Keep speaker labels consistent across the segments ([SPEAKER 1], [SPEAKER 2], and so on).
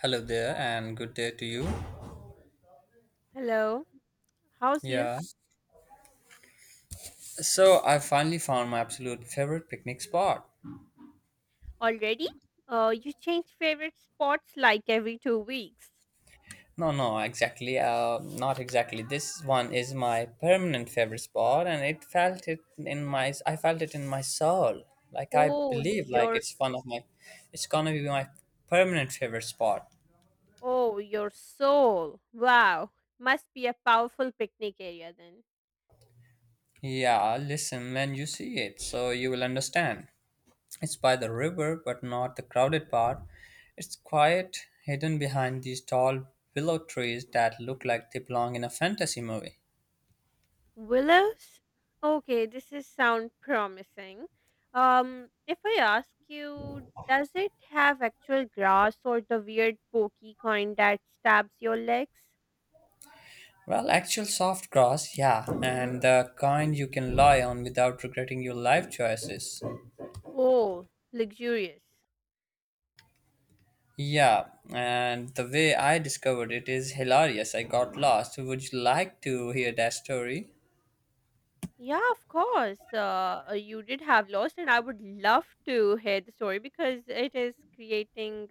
[SPEAKER 1] Hello there, and good day to you.
[SPEAKER 2] Hello, how's you?
[SPEAKER 1] Yeah. So I finally found my absolute favorite picnic spot.
[SPEAKER 2] Already? You change favorite spots like every 2 weeks.
[SPEAKER 1] No, no, exactly. Not exactly. This one is my permanent favorite spot, and it felt it in my. I felt it in my soul. Like I
[SPEAKER 2] Oh,
[SPEAKER 1] believe, like
[SPEAKER 2] your
[SPEAKER 1] it's one of my. It's gonna be my permanent favorite spot.
[SPEAKER 2] oh, your soul. Wow, must be a powerful picnic area then.
[SPEAKER 1] Yeah. Listen, when you see it, so you will understand. It's by the river, but not the crowded part. It's quiet, hidden behind these tall willow trees that look like they belong in a fantasy movie.
[SPEAKER 2] Willows? Okay, this is sound promising. If I ask you, does it have actual grass or the weird pokey kind that stabs your legs?
[SPEAKER 1] Well, actual soft grass, yeah, and the kind you can lie on without regretting your life choices.
[SPEAKER 2] Oh, luxurious.
[SPEAKER 1] Yeah, and the way I discovered it is hilarious. I got lost. Would you like to hear that story?
[SPEAKER 2] Yeah, of course. You did have lost, and I would love to hear the story because it is creating,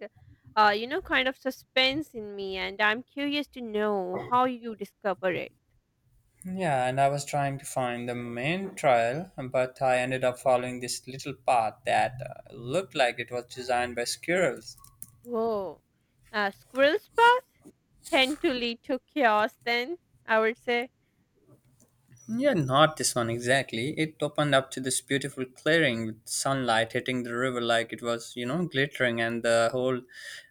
[SPEAKER 2] kind of suspense in me, and I'm curious to know how you discover it.
[SPEAKER 1] Yeah, and I was trying to find the main trail, but I ended up following this little path that looked like it was designed by squirrels.
[SPEAKER 2] Whoa. Squirrel's path tend to lead to chaos, then, I would say.
[SPEAKER 1] Yeah, not this one exactly. It opened up to this beautiful clearing with sunlight hitting the river like it was, you know, glittering, and the whole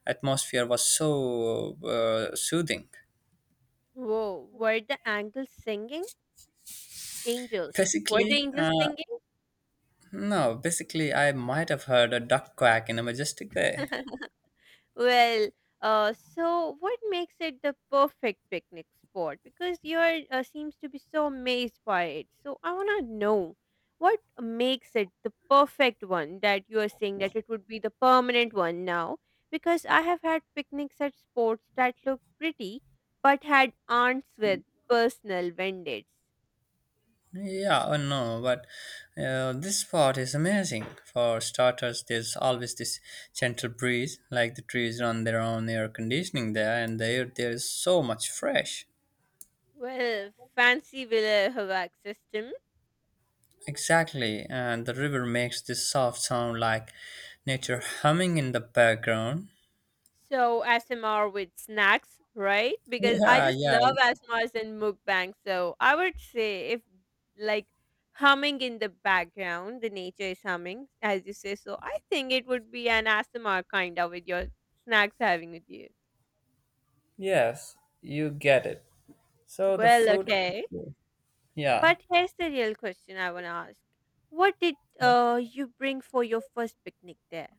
[SPEAKER 1] atmosphere was so soothing.
[SPEAKER 2] Whoa. Were the angels singing? Angels. Were the
[SPEAKER 1] Basically,
[SPEAKER 2] angels singing?
[SPEAKER 1] no, Basically, I might have heard a duck quack in a majestic way.
[SPEAKER 2] Well, so what makes it the perfect picnic spot? Because you're seems to be so amazed by it. So I wanna know what makes it the perfect one that you are saying that it would be the permanent one now. Because I have had picnics at spots that looked pretty, but had aunts with personal vendors.
[SPEAKER 1] Yeah, I know, but this spot is amazing. For starters, there's always this gentle breeze, like the trees run their own air conditioning there, and the air there is so much fresh.
[SPEAKER 2] Well, fancy villa HVAC system.
[SPEAKER 1] Exactly, and the river makes this soft sound like nature humming in the background.
[SPEAKER 2] So ASMR with snacks, right? Because I
[SPEAKER 1] Yeah,
[SPEAKER 2] just
[SPEAKER 1] yeah,
[SPEAKER 2] love ASMRs and mukbang. So I would say if like humming in the background, the nature is humming, as you say. So I think it would be an ASMR kind of with your snacks having with you.
[SPEAKER 1] yes, you get it. So the
[SPEAKER 2] Well,
[SPEAKER 1] food,
[SPEAKER 2] okay.
[SPEAKER 1] yeah.
[SPEAKER 2] But here's the real question I want to ask. What did you bring for your first picnic there?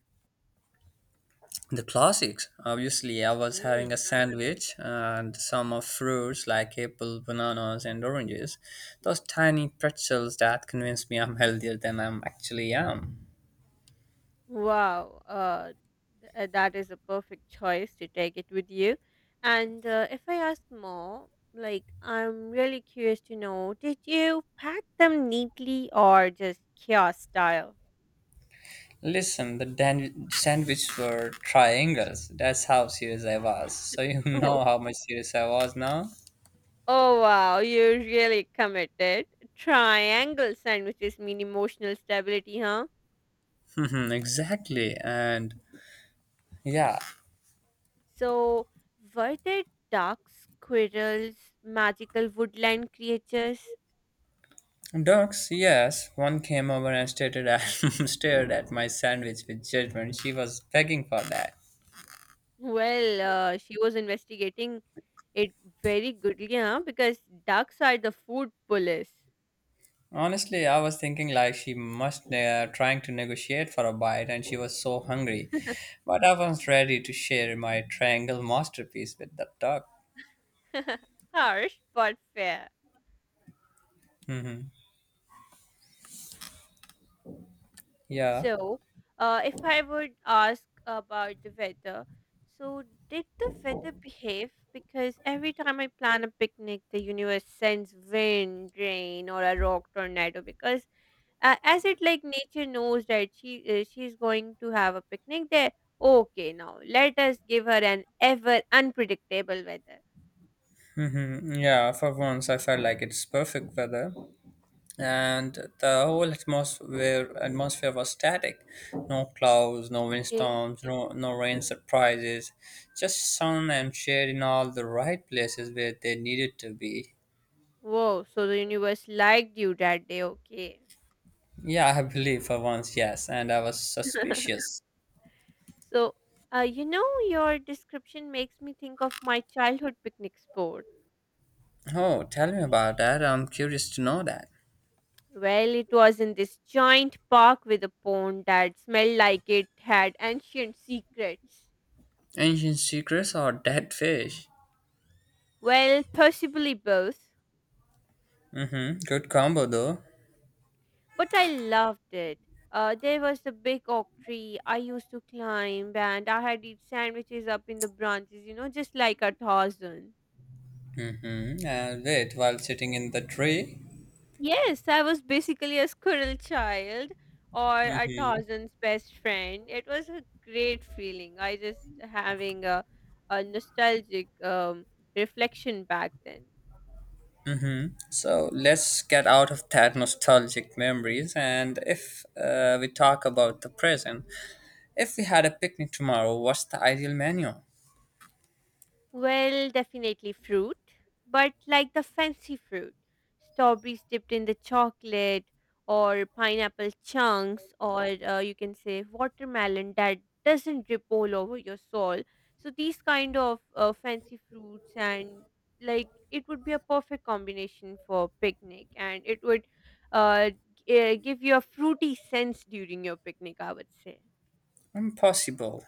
[SPEAKER 1] The classics. Obviously, I was having a sandwich and some of fruits like apple, bananas, and oranges. Those tiny pretzels that convinced me I'm healthier than I actually am.
[SPEAKER 2] Wow, that is a perfect choice to take it with you. And if I ask more, like I'm really curious to know, did you pack them neatly or just kiosk style?
[SPEAKER 1] Listen, the sandwich were triangles. That's how serious I was. So you
[SPEAKER 2] Oh,
[SPEAKER 1] know how much serious I was now.
[SPEAKER 2] oh, wow, you really committed. Triangle sandwiches mean emotional stability, huh?
[SPEAKER 1] Mhm, exactly. And yeah,
[SPEAKER 2] So, were there ducks, squirrels, magical woodland creatures?
[SPEAKER 1] dogs, yes. One came over and stared at my sandwich with judgment. She was begging for that.
[SPEAKER 2] Well, she was investigating it very goodly, huh? Because ducks are the food police.
[SPEAKER 1] Honestly, I was thinking like she must trying to negotiate for a bite and she was so hungry. But I was ready to share my triangle masterpiece with the dog.
[SPEAKER 2] Harsh but fair.
[SPEAKER 1] Yeah.
[SPEAKER 2] So, if I would ask about the weather, so did the weather behave? Because every time I plan a picnic, the universe sends wind, rain, or a rock tornado. Because as it like nature knows that she's going to have a picnic there. Okay, now let us give her an ever unpredictable weather.
[SPEAKER 1] Yeah, for once I felt like it's perfect weather and the whole atmosphere was static. No clouds, no
[SPEAKER 2] Okay.
[SPEAKER 1] windstorms, no rain surprises. Just sun and shade in all the right places where they needed to be.
[SPEAKER 2] Whoa, so the universe liked you that day. Okay.
[SPEAKER 1] Yeah, I believe for once, yes, and I was suspicious.
[SPEAKER 2] So, your description makes me think of my childhood picnic spot.
[SPEAKER 1] Oh, tell me about that. I'm curious to know that.
[SPEAKER 2] Well, it was in this giant park with a pond that smelled like it had ancient secrets.
[SPEAKER 1] Ancient secrets or dead fish?
[SPEAKER 2] Well, possibly both.
[SPEAKER 1] Mm-hmm. Good combo though.
[SPEAKER 2] But I loved it. There was a big oak tree I used to climb, and I had eat sandwiches up in the branches, you know, just like a Tarzan.
[SPEAKER 1] Mm-hmm. I'll wait while sitting in the tree.
[SPEAKER 2] Yes, I was basically a squirrel child or a
[SPEAKER 1] Mhm.
[SPEAKER 2] Tarzan's best friend. It was a great feeling. I just having a nostalgic reflection back then.
[SPEAKER 1] So let's get out of that nostalgic memories and if we talk about the present, if we had a picnic tomorrow, what's the ideal menu?
[SPEAKER 2] Well, definitely fruit, but like the fancy fruit. Strawberries dipped in the chocolate, or pineapple chunks, or you can say watermelon that doesn't drip all over your soul. So, these kind of fancy fruits, and like it would be a perfect combination for picnic, and it would uh, give you a fruity sense during your picnic, I would say.
[SPEAKER 1] Impossible.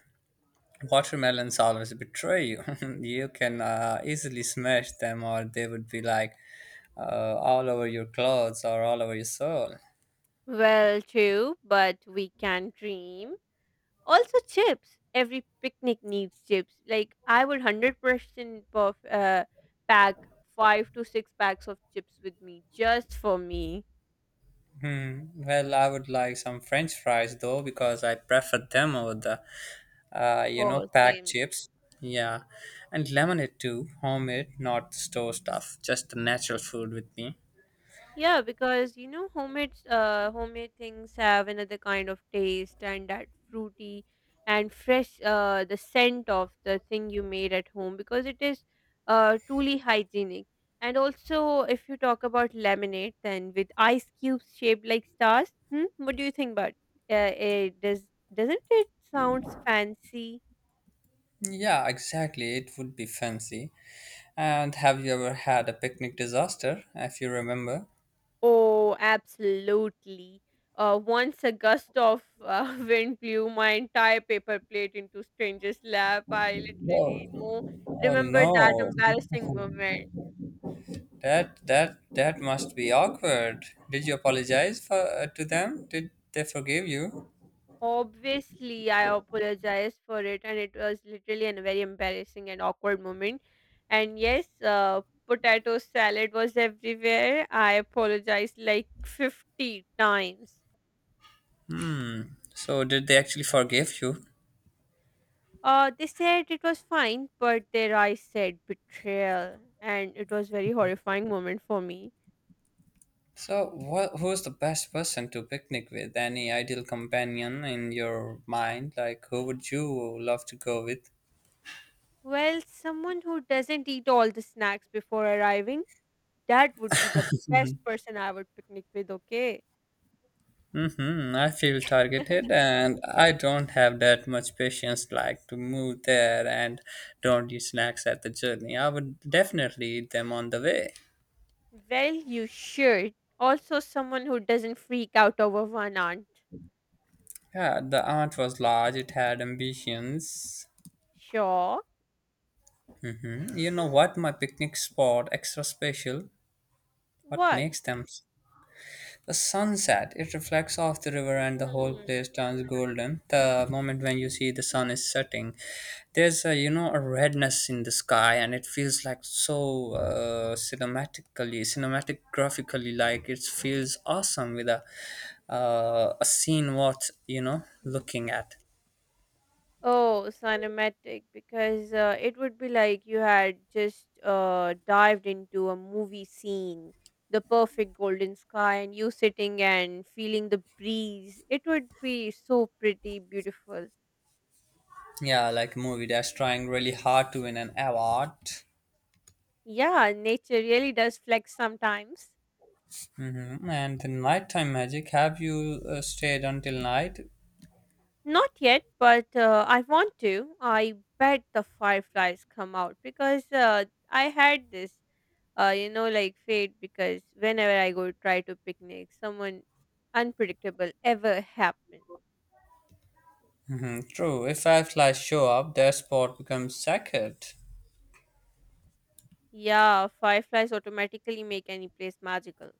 [SPEAKER 1] Watermelons always betray you. You can easily smash them, or they would be like all over your clothes or all over your soul.
[SPEAKER 2] Well, true, but we can dream. Also chips. Every picnic needs chips. Like I would 100% of pack 5 to 6 packs of chips with me just for me.
[SPEAKER 1] Hmm. Well, I would like some French fries though because I prefer them over the, you know,
[SPEAKER 2] Oh,
[SPEAKER 1] packed
[SPEAKER 2] same.
[SPEAKER 1] chips. Yeah, and lemonade too, homemade, not store stuff, just the natural food with me.
[SPEAKER 2] Yeah, because you know, homemade things have another kind of taste and that fruity and fresh the scent of the thing you made at home because it is truly hygienic. And also, if you talk about lemonade, then with ice cubes shaped like stars, hmm? What do you think about? It doesn't it sounds fancy?
[SPEAKER 1] Yeah, exactly. It would be fancy. And have you ever had a picnic disaster, if you remember?
[SPEAKER 2] Oh, absolutely. Once a gust of wind blew my entire paper plate into stranger's lap. I literally, no
[SPEAKER 1] Whoa. Oh
[SPEAKER 2] remember that
[SPEAKER 1] no.
[SPEAKER 2] embarrassing moment.
[SPEAKER 1] That must be awkward. Did you apologize for to them? Did they forgive you?
[SPEAKER 2] Obviously, I apologized for it, and it was literally a very embarrassing and awkward moment. And yes, potato salad was everywhere. I apologized like 50 times.
[SPEAKER 1] So did they actually forgive you?
[SPEAKER 2] They said it was fine, but their eyes said betrayal, and it was very horrifying moment for me.
[SPEAKER 1] So what who's the best person to picnic with? Any ideal companion in your mind? Like who would you love to go with?
[SPEAKER 2] Well, someone who doesn't eat all the snacks before arriving, that would be the best person I would picnic with, okay?
[SPEAKER 1] Mm-hmm. I feel targeted and I don't have that much patience like to move there and don't eat snacks at the journey. I would definitely eat them on the way.
[SPEAKER 2] Well, you should. Also, someone who doesn't freak out over one aunt.
[SPEAKER 1] Yeah, the aunt was large, it had ambitions.
[SPEAKER 2] Sure.
[SPEAKER 1] You know what my picnic spot extra special? What
[SPEAKER 2] What?
[SPEAKER 1] makes them? The sunset, it reflects off the river and the whole place turns golden. The moment when you see the sun is setting, there's a, you know, a redness in the sky and it feels like so cinematic graphically, like it feels awesome with a scene worth, you know,
[SPEAKER 2] Hmm.
[SPEAKER 1] looking at.
[SPEAKER 2] Oh, cinematic, because it would be like you had just dived into a movie scene, the perfect golden sky, and you sitting and feeling the breeze. It would be so pretty, beautiful.
[SPEAKER 1] Yeah, like a movie that's trying really hard to win an award.
[SPEAKER 2] Yeah, nature really does flex sometimes.
[SPEAKER 1] Mhm. And the nighttime magic, have you stayed until night?
[SPEAKER 2] Not yet, but I want to. I bet the fireflies come out because I had this. Like fate, because whenever I go try to picnic, someone unpredictable ever happen.
[SPEAKER 1] Mhm, true, if fireflies show up, their spot becomes sacred.
[SPEAKER 2] Yeah, fireflies automatically make any place magical.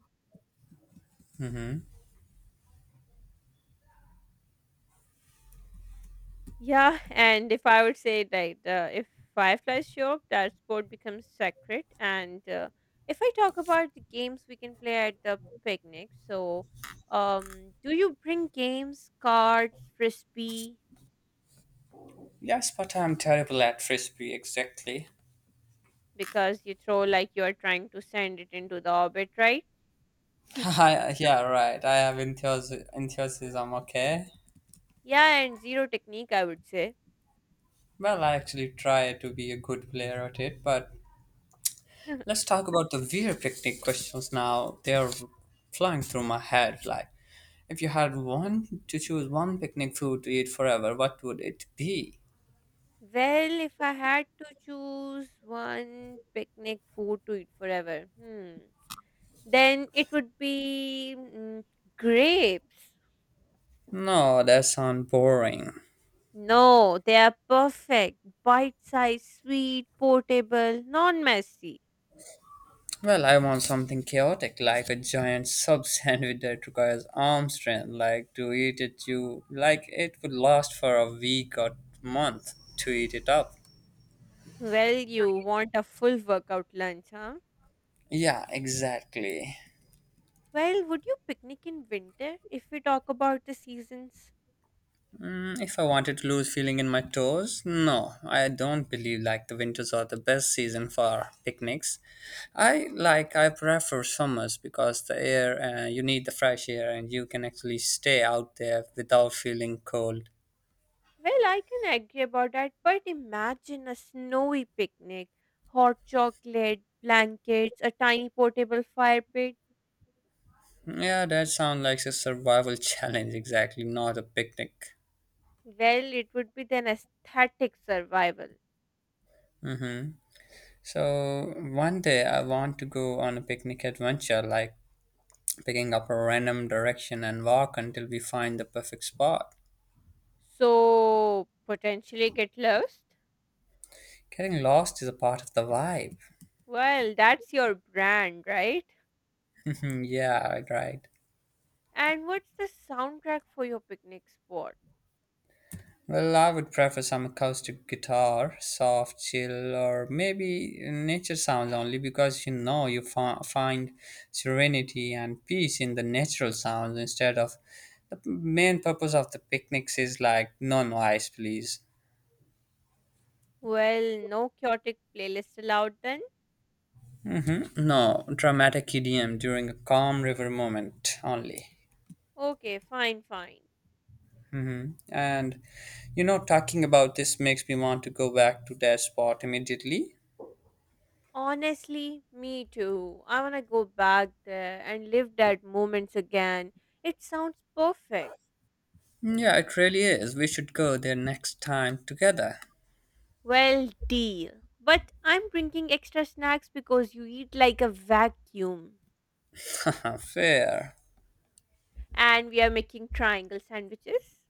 [SPEAKER 2] Yeah, and if I would say that if fireflies show up, that sport becomes sacred. And if I talk about the games we can play at the picnic, so do you bring games, cards, frisbee?
[SPEAKER 1] Yes, but I'm terrible at frisbee, exactly.
[SPEAKER 2] Because you throw like you are trying to send it into the orbit, right?
[SPEAKER 1] Yeah, right, I have enthusiasm, okay?
[SPEAKER 2] Yeah, and zero technique, I would say.
[SPEAKER 1] Well, I actually try to be a good player at it, but let's talk about the weird picnic questions now. They're flying through my head like if you had one to choose one picnic food to eat forever, what would it be?
[SPEAKER 2] Well, if I had to choose one picnic food to eat forever, then it would be grapes.
[SPEAKER 1] No, that sounds boring.
[SPEAKER 2] No, they are perfect, bite-sized, sweet, portable, non-messy.
[SPEAKER 1] Well, I want something chaotic, like a giant sub sandwich that requires arm strength. Like to eat it, you like it would last for a week or month to eat it up.
[SPEAKER 2] Well, you want a full workout lunch, huh?
[SPEAKER 1] Yeah, exactly.
[SPEAKER 2] Well, would you picnic in winter if we talk about the seasons?
[SPEAKER 1] Mm, if I wanted to lose feeling in my toes, no, I don't believe like the winters are the best season for picnics. I prefer summers because the air you need the fresh air and you can actually stay out there without feeling cold.
[SPEAKER 2] Well, I can agree about that, but imagine a snowy picnic, hot chocolate, blankets, a tiny portable fire pit.
[SPEAKER 1] Yeah, that sounds like a survival challenge exactly, not a picnic.
[SPEAKER 2] Well, it would be an aesthetic survival.
[SPEAKER 1] Mm-hmm. So one day I want to go on a picnic adventure, like picking up a random direction and walk until we find the perfect spot.
[SPEAKER 2] So, potentially get lost?
[SPEAKER 1] Getting lost is a part of the vibe.
[SPEAKER 2] Well, that's your brand, right?
[SPEAKER 1] Yeah, right.
[SPEAKER 2] And what's the soundtrack for your picnic spot?
[SPEAKER 1] Well, I would prefer some acoustic guitar, soft, chill, or maybe nature sounds only because you know you find serenity and peace in the natural sounds instead of the main purpose of the picnics is like no noise, please.
[SPEAKER 2] Well, no chaotic playlist allowed then?
[SPEAKER 1] Hmm. No dramatic EDM during a calm river moment only.
[SPEAKER 2] Okay, fine, fine.
[SPEAKER 1] Hmm. And you know, talking about this makes me want to go back to that spot immediately.
[SPEAKER 2] Honestly, me too. I want to go back there and live that moments again. It sounds perfect.
[SPEAKER 1] Mm, yeah, it really is. We should go there next time together.
[SPEAKER 2] Well, deal. But I'm bringing extra snacks because you eat like a vacuum.
[SPEAKER 1] Fair.
[SPEAKER 2] And we are making triangle sandwiches.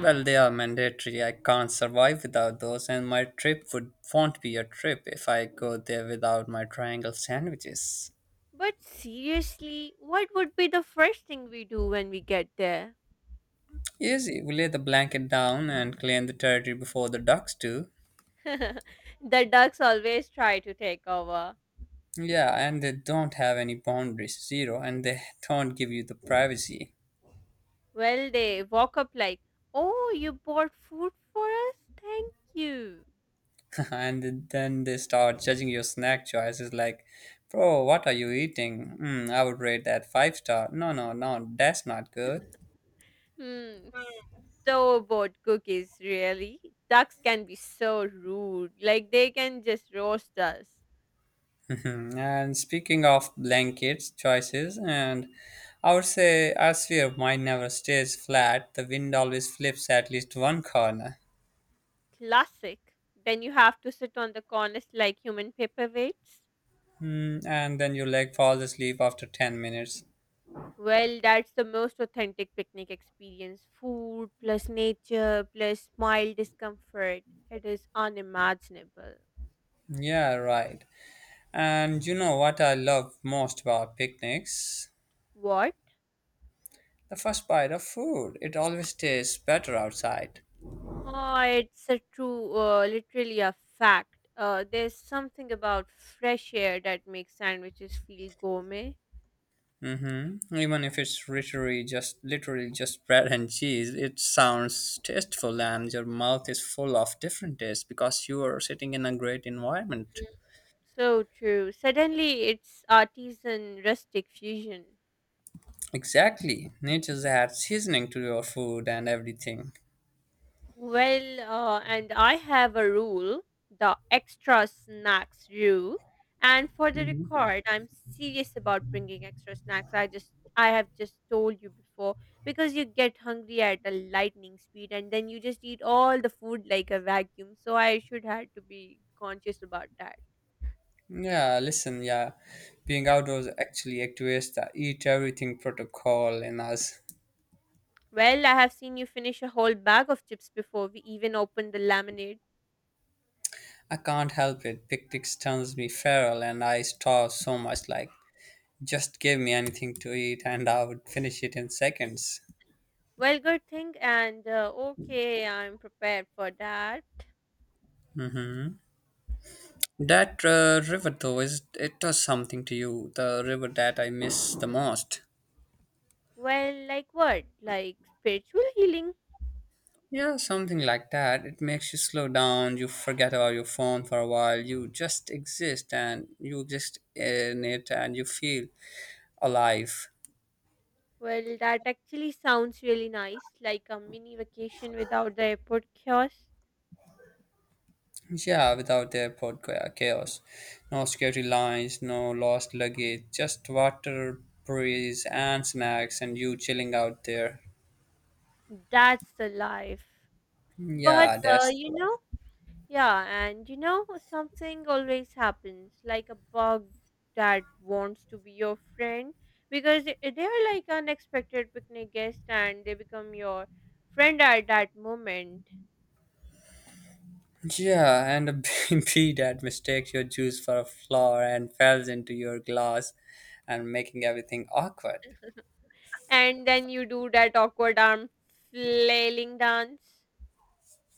[SPEAKER 1] Well, they are mandatory. I can't survive without those, and my trip would won't be a trip if I go there without my triangle sandwiches.
[SPEAKER 2] But seriously, what would be the first thing we do when we get there?
[SPEAKER 1] Easy. We lay the blanket down and claim the territory before the ducks do.
[SPEAKER 2] The ducks always try to take over.
[SPEAKER 1] Yeah, and they don't have any boundaries, zero, and they don't give you the privacy.
[SPEAKER 2] Well, they walk up like, oh, you bought food for us? Thank you.
[SPEAKER 1] And then they start judging your snack choices like, bro, what are you eating? Mm, I would rate that five star. No, no, no, that's not good.
[SPEAKER 2] Hmm, store-bought cookies, really? Ducks can be so rude. Like, they can just roast us.
[SPEAKER 1] And speaking of blankets choices, and I would say our sphere mine never stays flat. The wind always flips at least one corner.
[SPEAKER 2] Classic. Then you have to sit on the corners like human paperweights.
[SPEAKER 1] Mm, and then your leg falls asleep after 10 minutes.
[SPEAKER 2] Well, that's the most authentic picnic experience. Food plus nature plus mild discomfort. It is unimaginable.
[SPEAKER 1] Yeah, right. And you know what I love most about picnics?
[SPEAKER 2] What?
[SPEAKER 1] The first bite of food, it always tastes better outside.
[SPEAKER 2] Oh, it's a true, literally a fact. There's something about fresh air that makes sandwiches feel gourmet.
[SPEAKER 1] Mm-hmm. Even if it's literally just bread and cheese, it sounds tasteful and your mouth is full of different tastes because you are sitting in a great environment.
[SPEAKER 2] Mm, so true. Suddenly, it's artisan rustic fusion.
[SPEAKER 1] Exactly. Nature's add seasoning to your food and everything.
[SPEAKER 2] Well, and I have a rule, the extra snacks rule. And for the record, I'm serious about bringing extra snacks. I have just told you before because you get hungry at a lightning speed and then you just eat all the food like a vacuum. So I should had to be conscious about that.
[SPEAKER 1] Yeah, listen, yeah. Being outdoors actually activates the eat everything protocol in us.
[SPEAKER 2] Well, I have seen you finish a whole bag of chips before we even opened the lemonade.
[SPEAKER 1] I can't help it. Picnics turns me feral and I starve so much like just give me anything to eat and I would finish it in seconds.
[SPEAKER 2] Well, good thing, and okay, I'm prepared for that.
[SPEAKER 1] Hmm. That river, though, is it does something to you. The river that I miss the most.
[SPEAKER 2] Well, like what? Like spiritual healing?
[SPEAKER 1] Yeah, something like that. It makes you slow down. You forget about your phone for a while. You exist in it and you feel alive.
[SPEAKER 2] Well, that actually sounds really nice, like a mini vacation without the airport chaos.
[SPEAKER 1] Yeah, without the airport chaos. No security lines, no lost luggage, just water, breeze, and snacks, and you chilling out there.
[SPEAKER 2] That's the life. But,
[SPEAKER 1] Yeah, that's
[SPEAKER 2] yeah, and something always happens, like a bug that wants to be your friend because they are like unexpected picnic guest, and they become your friend at that moment.
[SPEAKER 1] yeah, and be that mistakes your juice for a flower and falls into your glass and making everything awkward.
[SPEAKER 2] And then you do that awkward arm flailing dance.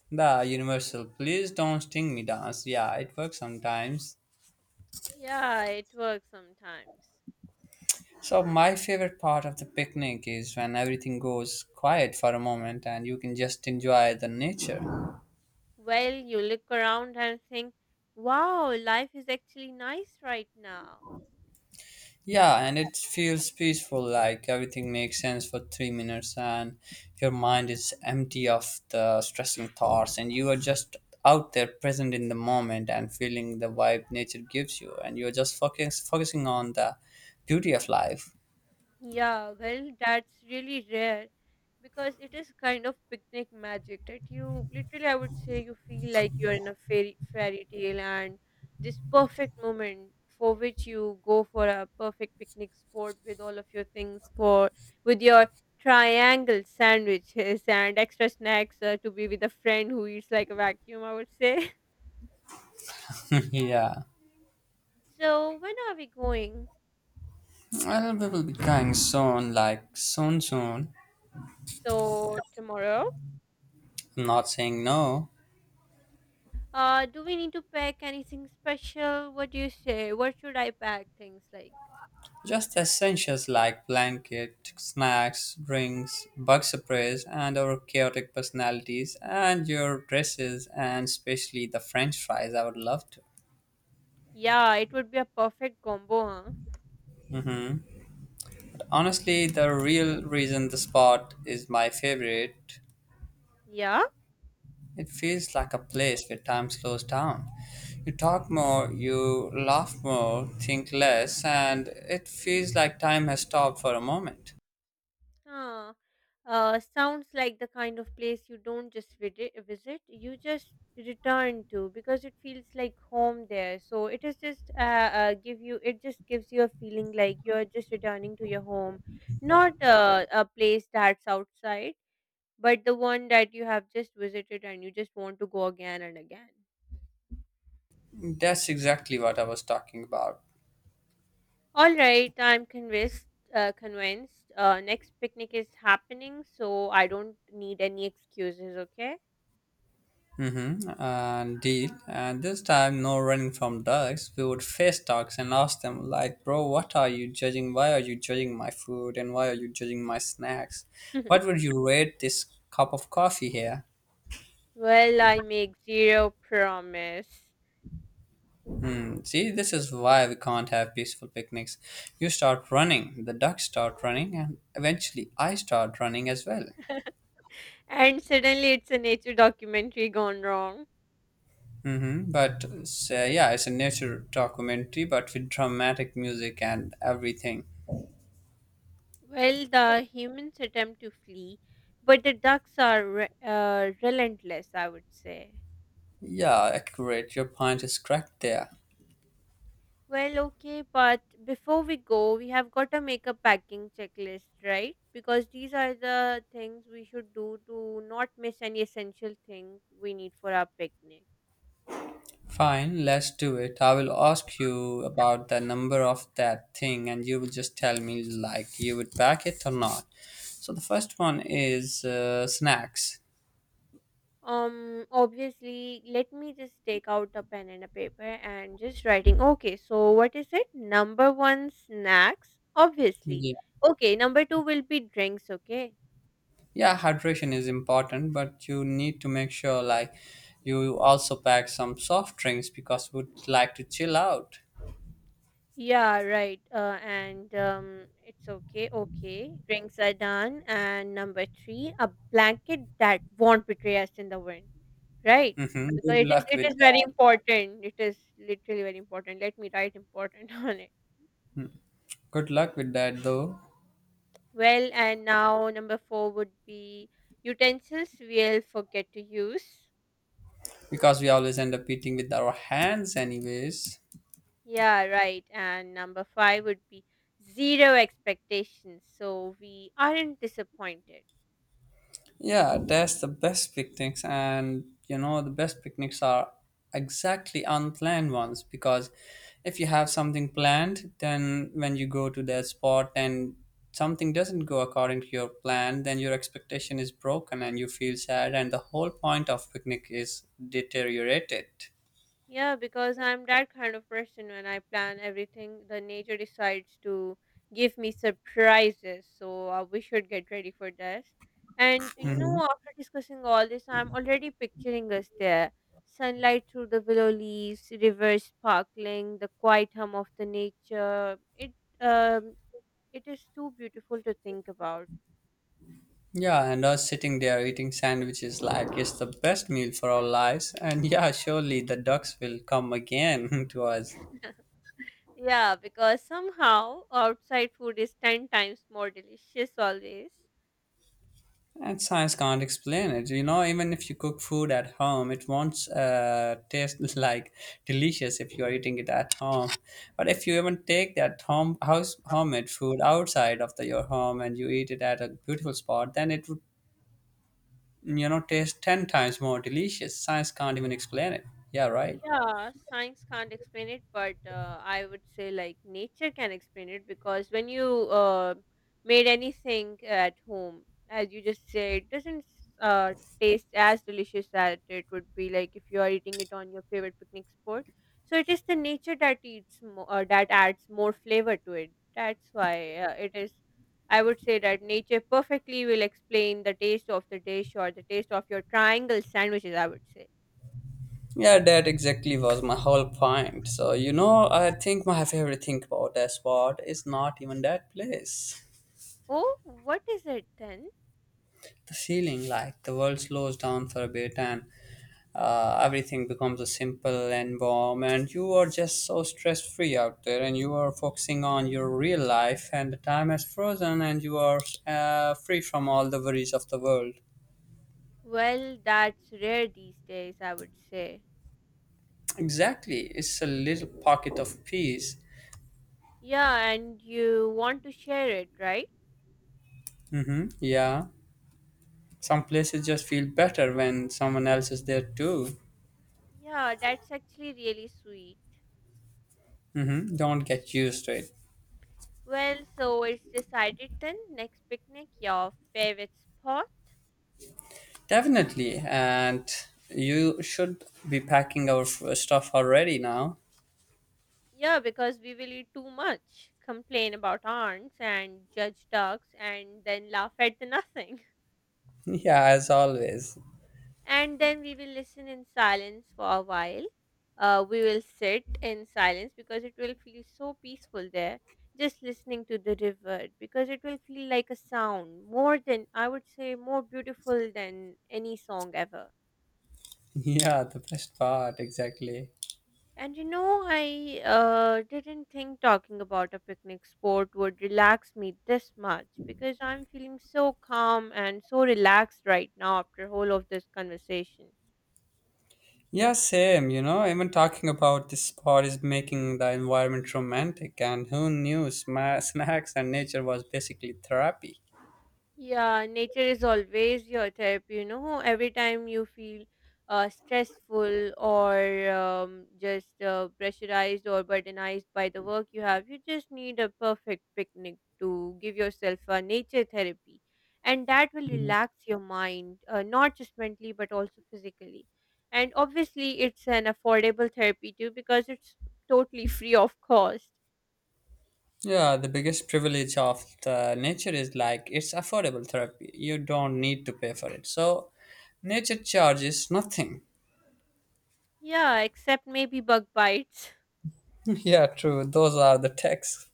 [SPEAKER 1] The universal please don't sting me dance. Yeah, it works sometimes.
[SPEAKER 2] Yeah, it works sometimes.
[SPEAKER 1] So my favorite part of the picnic is when everything goes quiet for a moment and you can just enjoy the nature.
[SPEAKER 2] Well, you look around and think, wow, life is actually nice right now.
[SPEAKER 1] Yeah, and it feels peaceful, like everything makes sense for 3 minutes, and your mind is empty of the stressing thoughts, and you are just out there present in the moment and feeling the vibe nature gives you, and you're just focusing on the beauty of life.
[SPEAKER 2] Yeah, well, that's really rare because it is kind of picnic magic that you literally, I would say, you feel like you're in a fairy tale and this perfect moment for which you go for a perfect picnic spot with all of your things for with your triangle sandwiches and extra snacks to be with a friend who eats like a vacuum, I would say.
[SPEAKER 1] Yeah,
[SPEAKER 2] So, when are we going?
[SPEAKER 1] well, we will be going soon, like soon.
[SPEAKER 2] So, tomorrow?
[SPEAKER 1] I'm not saying no.
[SPEAKER 2] Do we need to pack anything special? What do you say? What should I pack? Things like,
[SPEAKER 1] Just essentials like blanket, snacks, drinks, bug sprays, and our chaotic personalities, and your dresses, and especially the French fries. I would love to.
[SPEAKER 2] yeah, it would be a perfect combo, huh?
[SPEAKER 1] Hmm. Honestly, the real reason the spot is my favorite,
[SPEAKER 2] Yeah?
[SPEAKER 1] it feels like a place where time slows down. You talk more, you laugh more, think less, and it feels like time has stopped for a moment.
[SPEAKER 2] Huh. Sounds like the kind of place you don't just visit, you just return to because it feels like home there. So it just gives you a feeling like you're just returning to your home, not a place that's outside, but the one that you have just visited and you just want to go again and again.
[SPEAKER 1] That's exactly what I was talking about.
[SPEAKER 2] All right, I'm convinced. Convinced. Next picnic is happening, so I don't need any excuses. Okay.
[SPEAKER 1] Mm-hmm. And deal. And this time, no running from ducks. We would face ducks and ask them, like, bro, what are you judging? Why are you judging my food? And why are you judging my snacks? What would you rate this cup of coffee here?
[SPEAKER 2] Well, I make zero promise,
[SPEAKER 1] Hmm. See, this is why we can't have peaceful picnics. You start running, the ducks start running, and eventually I start running as well.
[SPEAKER 2] and suddenly it's a nature documentary gone wrong.
[SPEAKER 1] Mm-hmm. But yeah, it's a nature documentary, but with dramatic music and everything.
[SPEAKER 2] Well, the humans attempt to flee, but the ducks are relentless, I would say.
[SPEAKER 1] Yeah, accurate. Your point is correct there.
[SPEAKER 2] Well, okay, but before we go, we have got a makeup packing checklist, right? Because these are the things we should do to not miss any essential thing we need for our picnic.
[SPEAKER 1] Fine, let's do it. I will ask you about the number of that thing, and you will just tell me like you would back it or not. So the first one is snacks.
[SPEAKER 2] Obviously, let me just take out a pen and a paper and just writing. Okay, so what is it? Number one, snacks, obviously.
[SPEAKER 1] Yeah.
[SPEAKER 2] Okay, number two will be drinks, okay?
[SPEAKER 1] Yeah, hydration is important, but you need to make sure like you also pack some soft drinks because would like to chill out.
[SPEAKER 2] Yeah, right. And It's okay. Okay, drinks are done. And number three, a blanket that won't betray us in the wind, right?
[SPEAKER 1] Mm-hmm.
[SPEAKER 2] Because
[SPEAKER 1] Good
[SPEAKER 2] it is
[SPEAKER 1] luck
[SPEAKER 2] it
[SPEAKER 1] with
[SPEAKER 2] is very
[SPEAKER 1] that.
[SPEAKER 2] important. It is literally very important. Let me write important on it.
[SPEAKER 1] Good luck with that though,
[SPEAKER 2] Well, and now number four would be utensils we'll forget to use.
[SPEAKER 1] because we always end up eating with our hands anyways.
[SPEAKER 2] Yeah, right. And number five would be zero expectations, so we aren't disappointed.
[SPEAKER 1] Yeah, that's the best picnics, and you know, the best picnics are exactly unplanned ones because if you have something planned, then when you go to that spot and something doesn't go according to your plan, then your expectation is broken and you feel sad, and the whole point of picnic is deteriorated.
[SPEAKER 2] Yeah, because I'm that kind of person when I plan everything, the nature decides to give me surprises. So we should get ready for this. And you know,
[SPEAKER 1] Hmm.
[SPEAKER 2] after discussing all this, I'm already picturing us there. Sunlight through the willow leaves, rivers sparkling, the quiet hum of the nature. It um it is too beautiful to think about.
[SPEAKER 1] Yeah, and us sitting there eating sandwiches like it's the best meal for our lives, and yeah, surely the ducks will come again to us.
[SPEAKER 2] Yeah, because somehow outside food is 10 times more delicious always.
[SPEAKER 1] And science can't explain it. You know, even if you cook food at home, it won't taste like delicious if you are eating it at home. But if you even take that home house homemade food outside of the, your home and you eat it at a beautiful spot, then it would you know taste 10 times more delicious. Science can't even explain it. Yeah, right.
[SPEAKER 2] Yeah, science can't explain it, but I would say like nature can explain it because when you made anything at home, as you just say, it doesn't uh, taste as delicious as it would be like if you are eating it on your favorite picnic spot. So it is the nature that that adds more flavor to it. That's why it is. I would say that nature perfectly will explain the taste of the dish or the taste of your triangle sandwiches, I would say.
[SPEAKER 1] Yeah, that exactly was my whole point. So you know, I think my favorite thing about that spot is not even that place.
[SPEAKER 2] Oh, what is it then?
[SPEAKER 1] The feeling like the world slows down for a bit and everything becomes a simple and warm and you are just so stress free out there and you are focusing on your real life and the time has frozen and you are free from all the worries of the world.
[SPEAKER 2] Well, that's rare these days, I would say.
[SPEAKER 1] Exactly, it's a little pocket of peace.
[SPEAKER 2] Yeah, and you want to share it, right?
[SPEAKER 1] Mm-hmm. Yeah, some places just feel better when someone else is there too.
[SPEAKER 2] Yeah, that's actually really sweet.
[SPEAKER 1] Mm-hmm. Don't get used to it.
[SPEAKER 2] Well, so it's decided then, next picnic, your favorite spot?
[SPEAKER 1] Definitely, and you should be packing our stuff already now.
[SPEAKER 2] Yeah, because we will eat too much, complain about aunts and judge ducks, and then laugh at the nothing.
[SPEAKER 1] Yeah, as always.
[SPEAKER 2] And then we will listen in silence for a while. We will sit in silence because it will feel so peaceful there, just listening to the river because it will feel like a sound more than, I would say, more beautiful than any song ever.
[SPEAKER 1] Yeah, the best part, exactly.
[SPEAKER 2] And you know, I didn't think talking about a picnic spot would relax me this much because I'm feeling so calm and so relaxed right now after whole of this conversation.
[SPEAKER 1] Yeah, same, you know, even talking about this spot is making the environment romantic, and who knew snacks and nature was basically therapy.
[SPEAKER 2] Yeah, nature is always your therapy, you know. Every time you feel stressful or just pressurized or burdenized by the work you have, you just need a perfect picnic to give yourself a nature therapy. And that will relax your mind, not just mentally, but also physically. And obviously, it's an affordable therapy too because it's totally free of cost.
[SPEAKER 1] Yeah, the biggest privilege of the nature is like it's affordable therapy. You don't need to pay for it. So, nature charges nothing.
[SPEAKER 2] Yeah, except maybe bug bites.
[SPEAKER 1] Yeah, true. Those are the texts.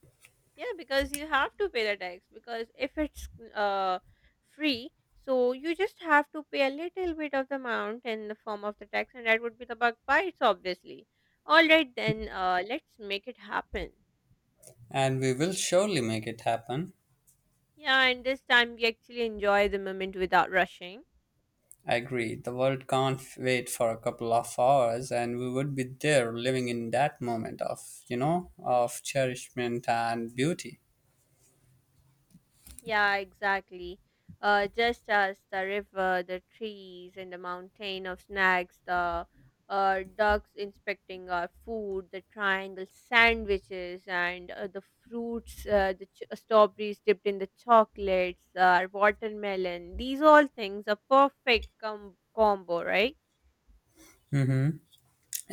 [SPEAKER 2] Yeah, because you have to pay the tax because if it's uh free, so you just have to pay a little bit of the amount in the form of the tax, and that would be the bug bites, obviously. All right, then let's make it happen.
[SPEAKER 1] And we will surely make it happen.
[SPEAKER 2] Yeah, and this time we actually enjoy the moment without rushing.
[SPEAKER 1] I agree. The world can't wait for a couple of hours, and we would be there living in that moment of, you know, of cherishment and beauty.
[SPEAKER 2] Yeah, exactly. Just as the river, the trees, and the mountain of snacks, the ducks inspecting our food, the triangle sandwiches, and the fruits, strawberries dipped in the chocolates, watermelon. These all things are perfect combo, right?
[SPEAKER 1] Hmm.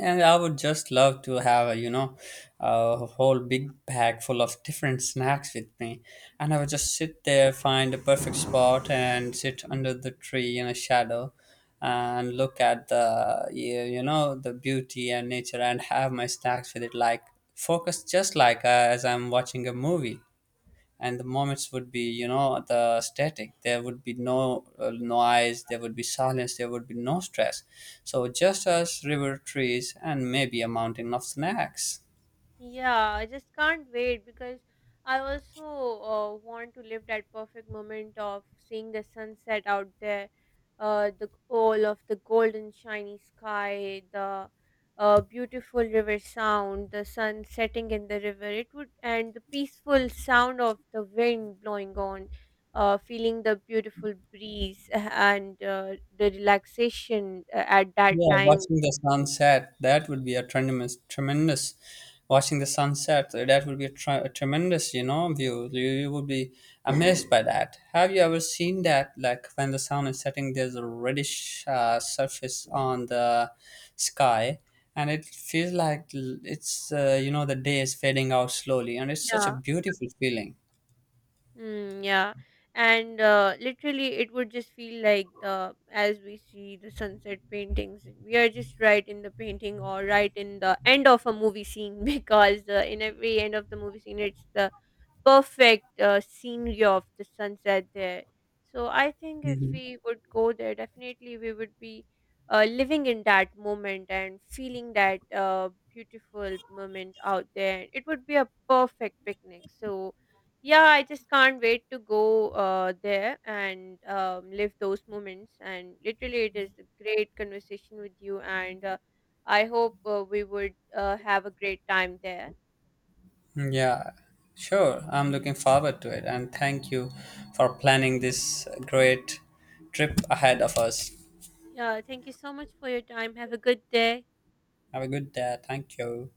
[SPEAKER 1] And I would just love to have, a, you know, a whole big bag full of different snacks with me. And I would just sit there, find a perfect spot, and sit under the tree in a shadow and look at the, you know, the beauty and nature and have my snacks with it, like focus just like as I'm watching a movie, and the moments would be, you know, the static, there would be no noise, there would be silence, there would be no stress. So just us, river trees and maybe a mountain of snacks.
[SPEAKER 2] Yeah, I just can't wait because I also want to live that perfect moment of seeing the sunset out there, the all of the golden shiny sky, the beautiful river sound, the sun setting in the river. It would, and the peaceful sound of the wind blowing on, feeling the beautiful breeze and the relaxation at that
[SPEAKER 1] Yeah,
[SPEAKER 2] time.
[SPEAKER 1] watching the sunset, that would be a tremendous, tremendous. Watching the sunset, that would be a, a tremendous, you know, view. You would be amazed by that. Have you ever seen that? Like when the sun is setting, there's a reddish surface on the sky, and it feels like it's, you know, the day is fading out slowly, and it's such a
[SPEAKER 2] Yeah.
[SPEAKER 1] beautiful feeling.
[SPEAKER 2] Mm, yeah, and literally, it would just feel like, the as we see the sunset paintings, we are just right in the painting or right in the end of a movie scene because in every end of the movie scene, it's the perfect scenery of the sunset there. So I think if we would go there, definitely we would be living in that moment and feeling that beautiful moment out there. It would be a perfect picnic. So yeah, I just can't wait to go there and live those moments. And literally, it is a great conversation with you. And I hope we would have a great time there.
[SPEAKER 1] Yeah, sure. I'm looking forward to it. And thank you for planning this great trip ahead of us.
[SPEAKER 2] Yeah, thank you so much for your time. Have a good day.
[SPEAKER 1] Have a good day. Thank you.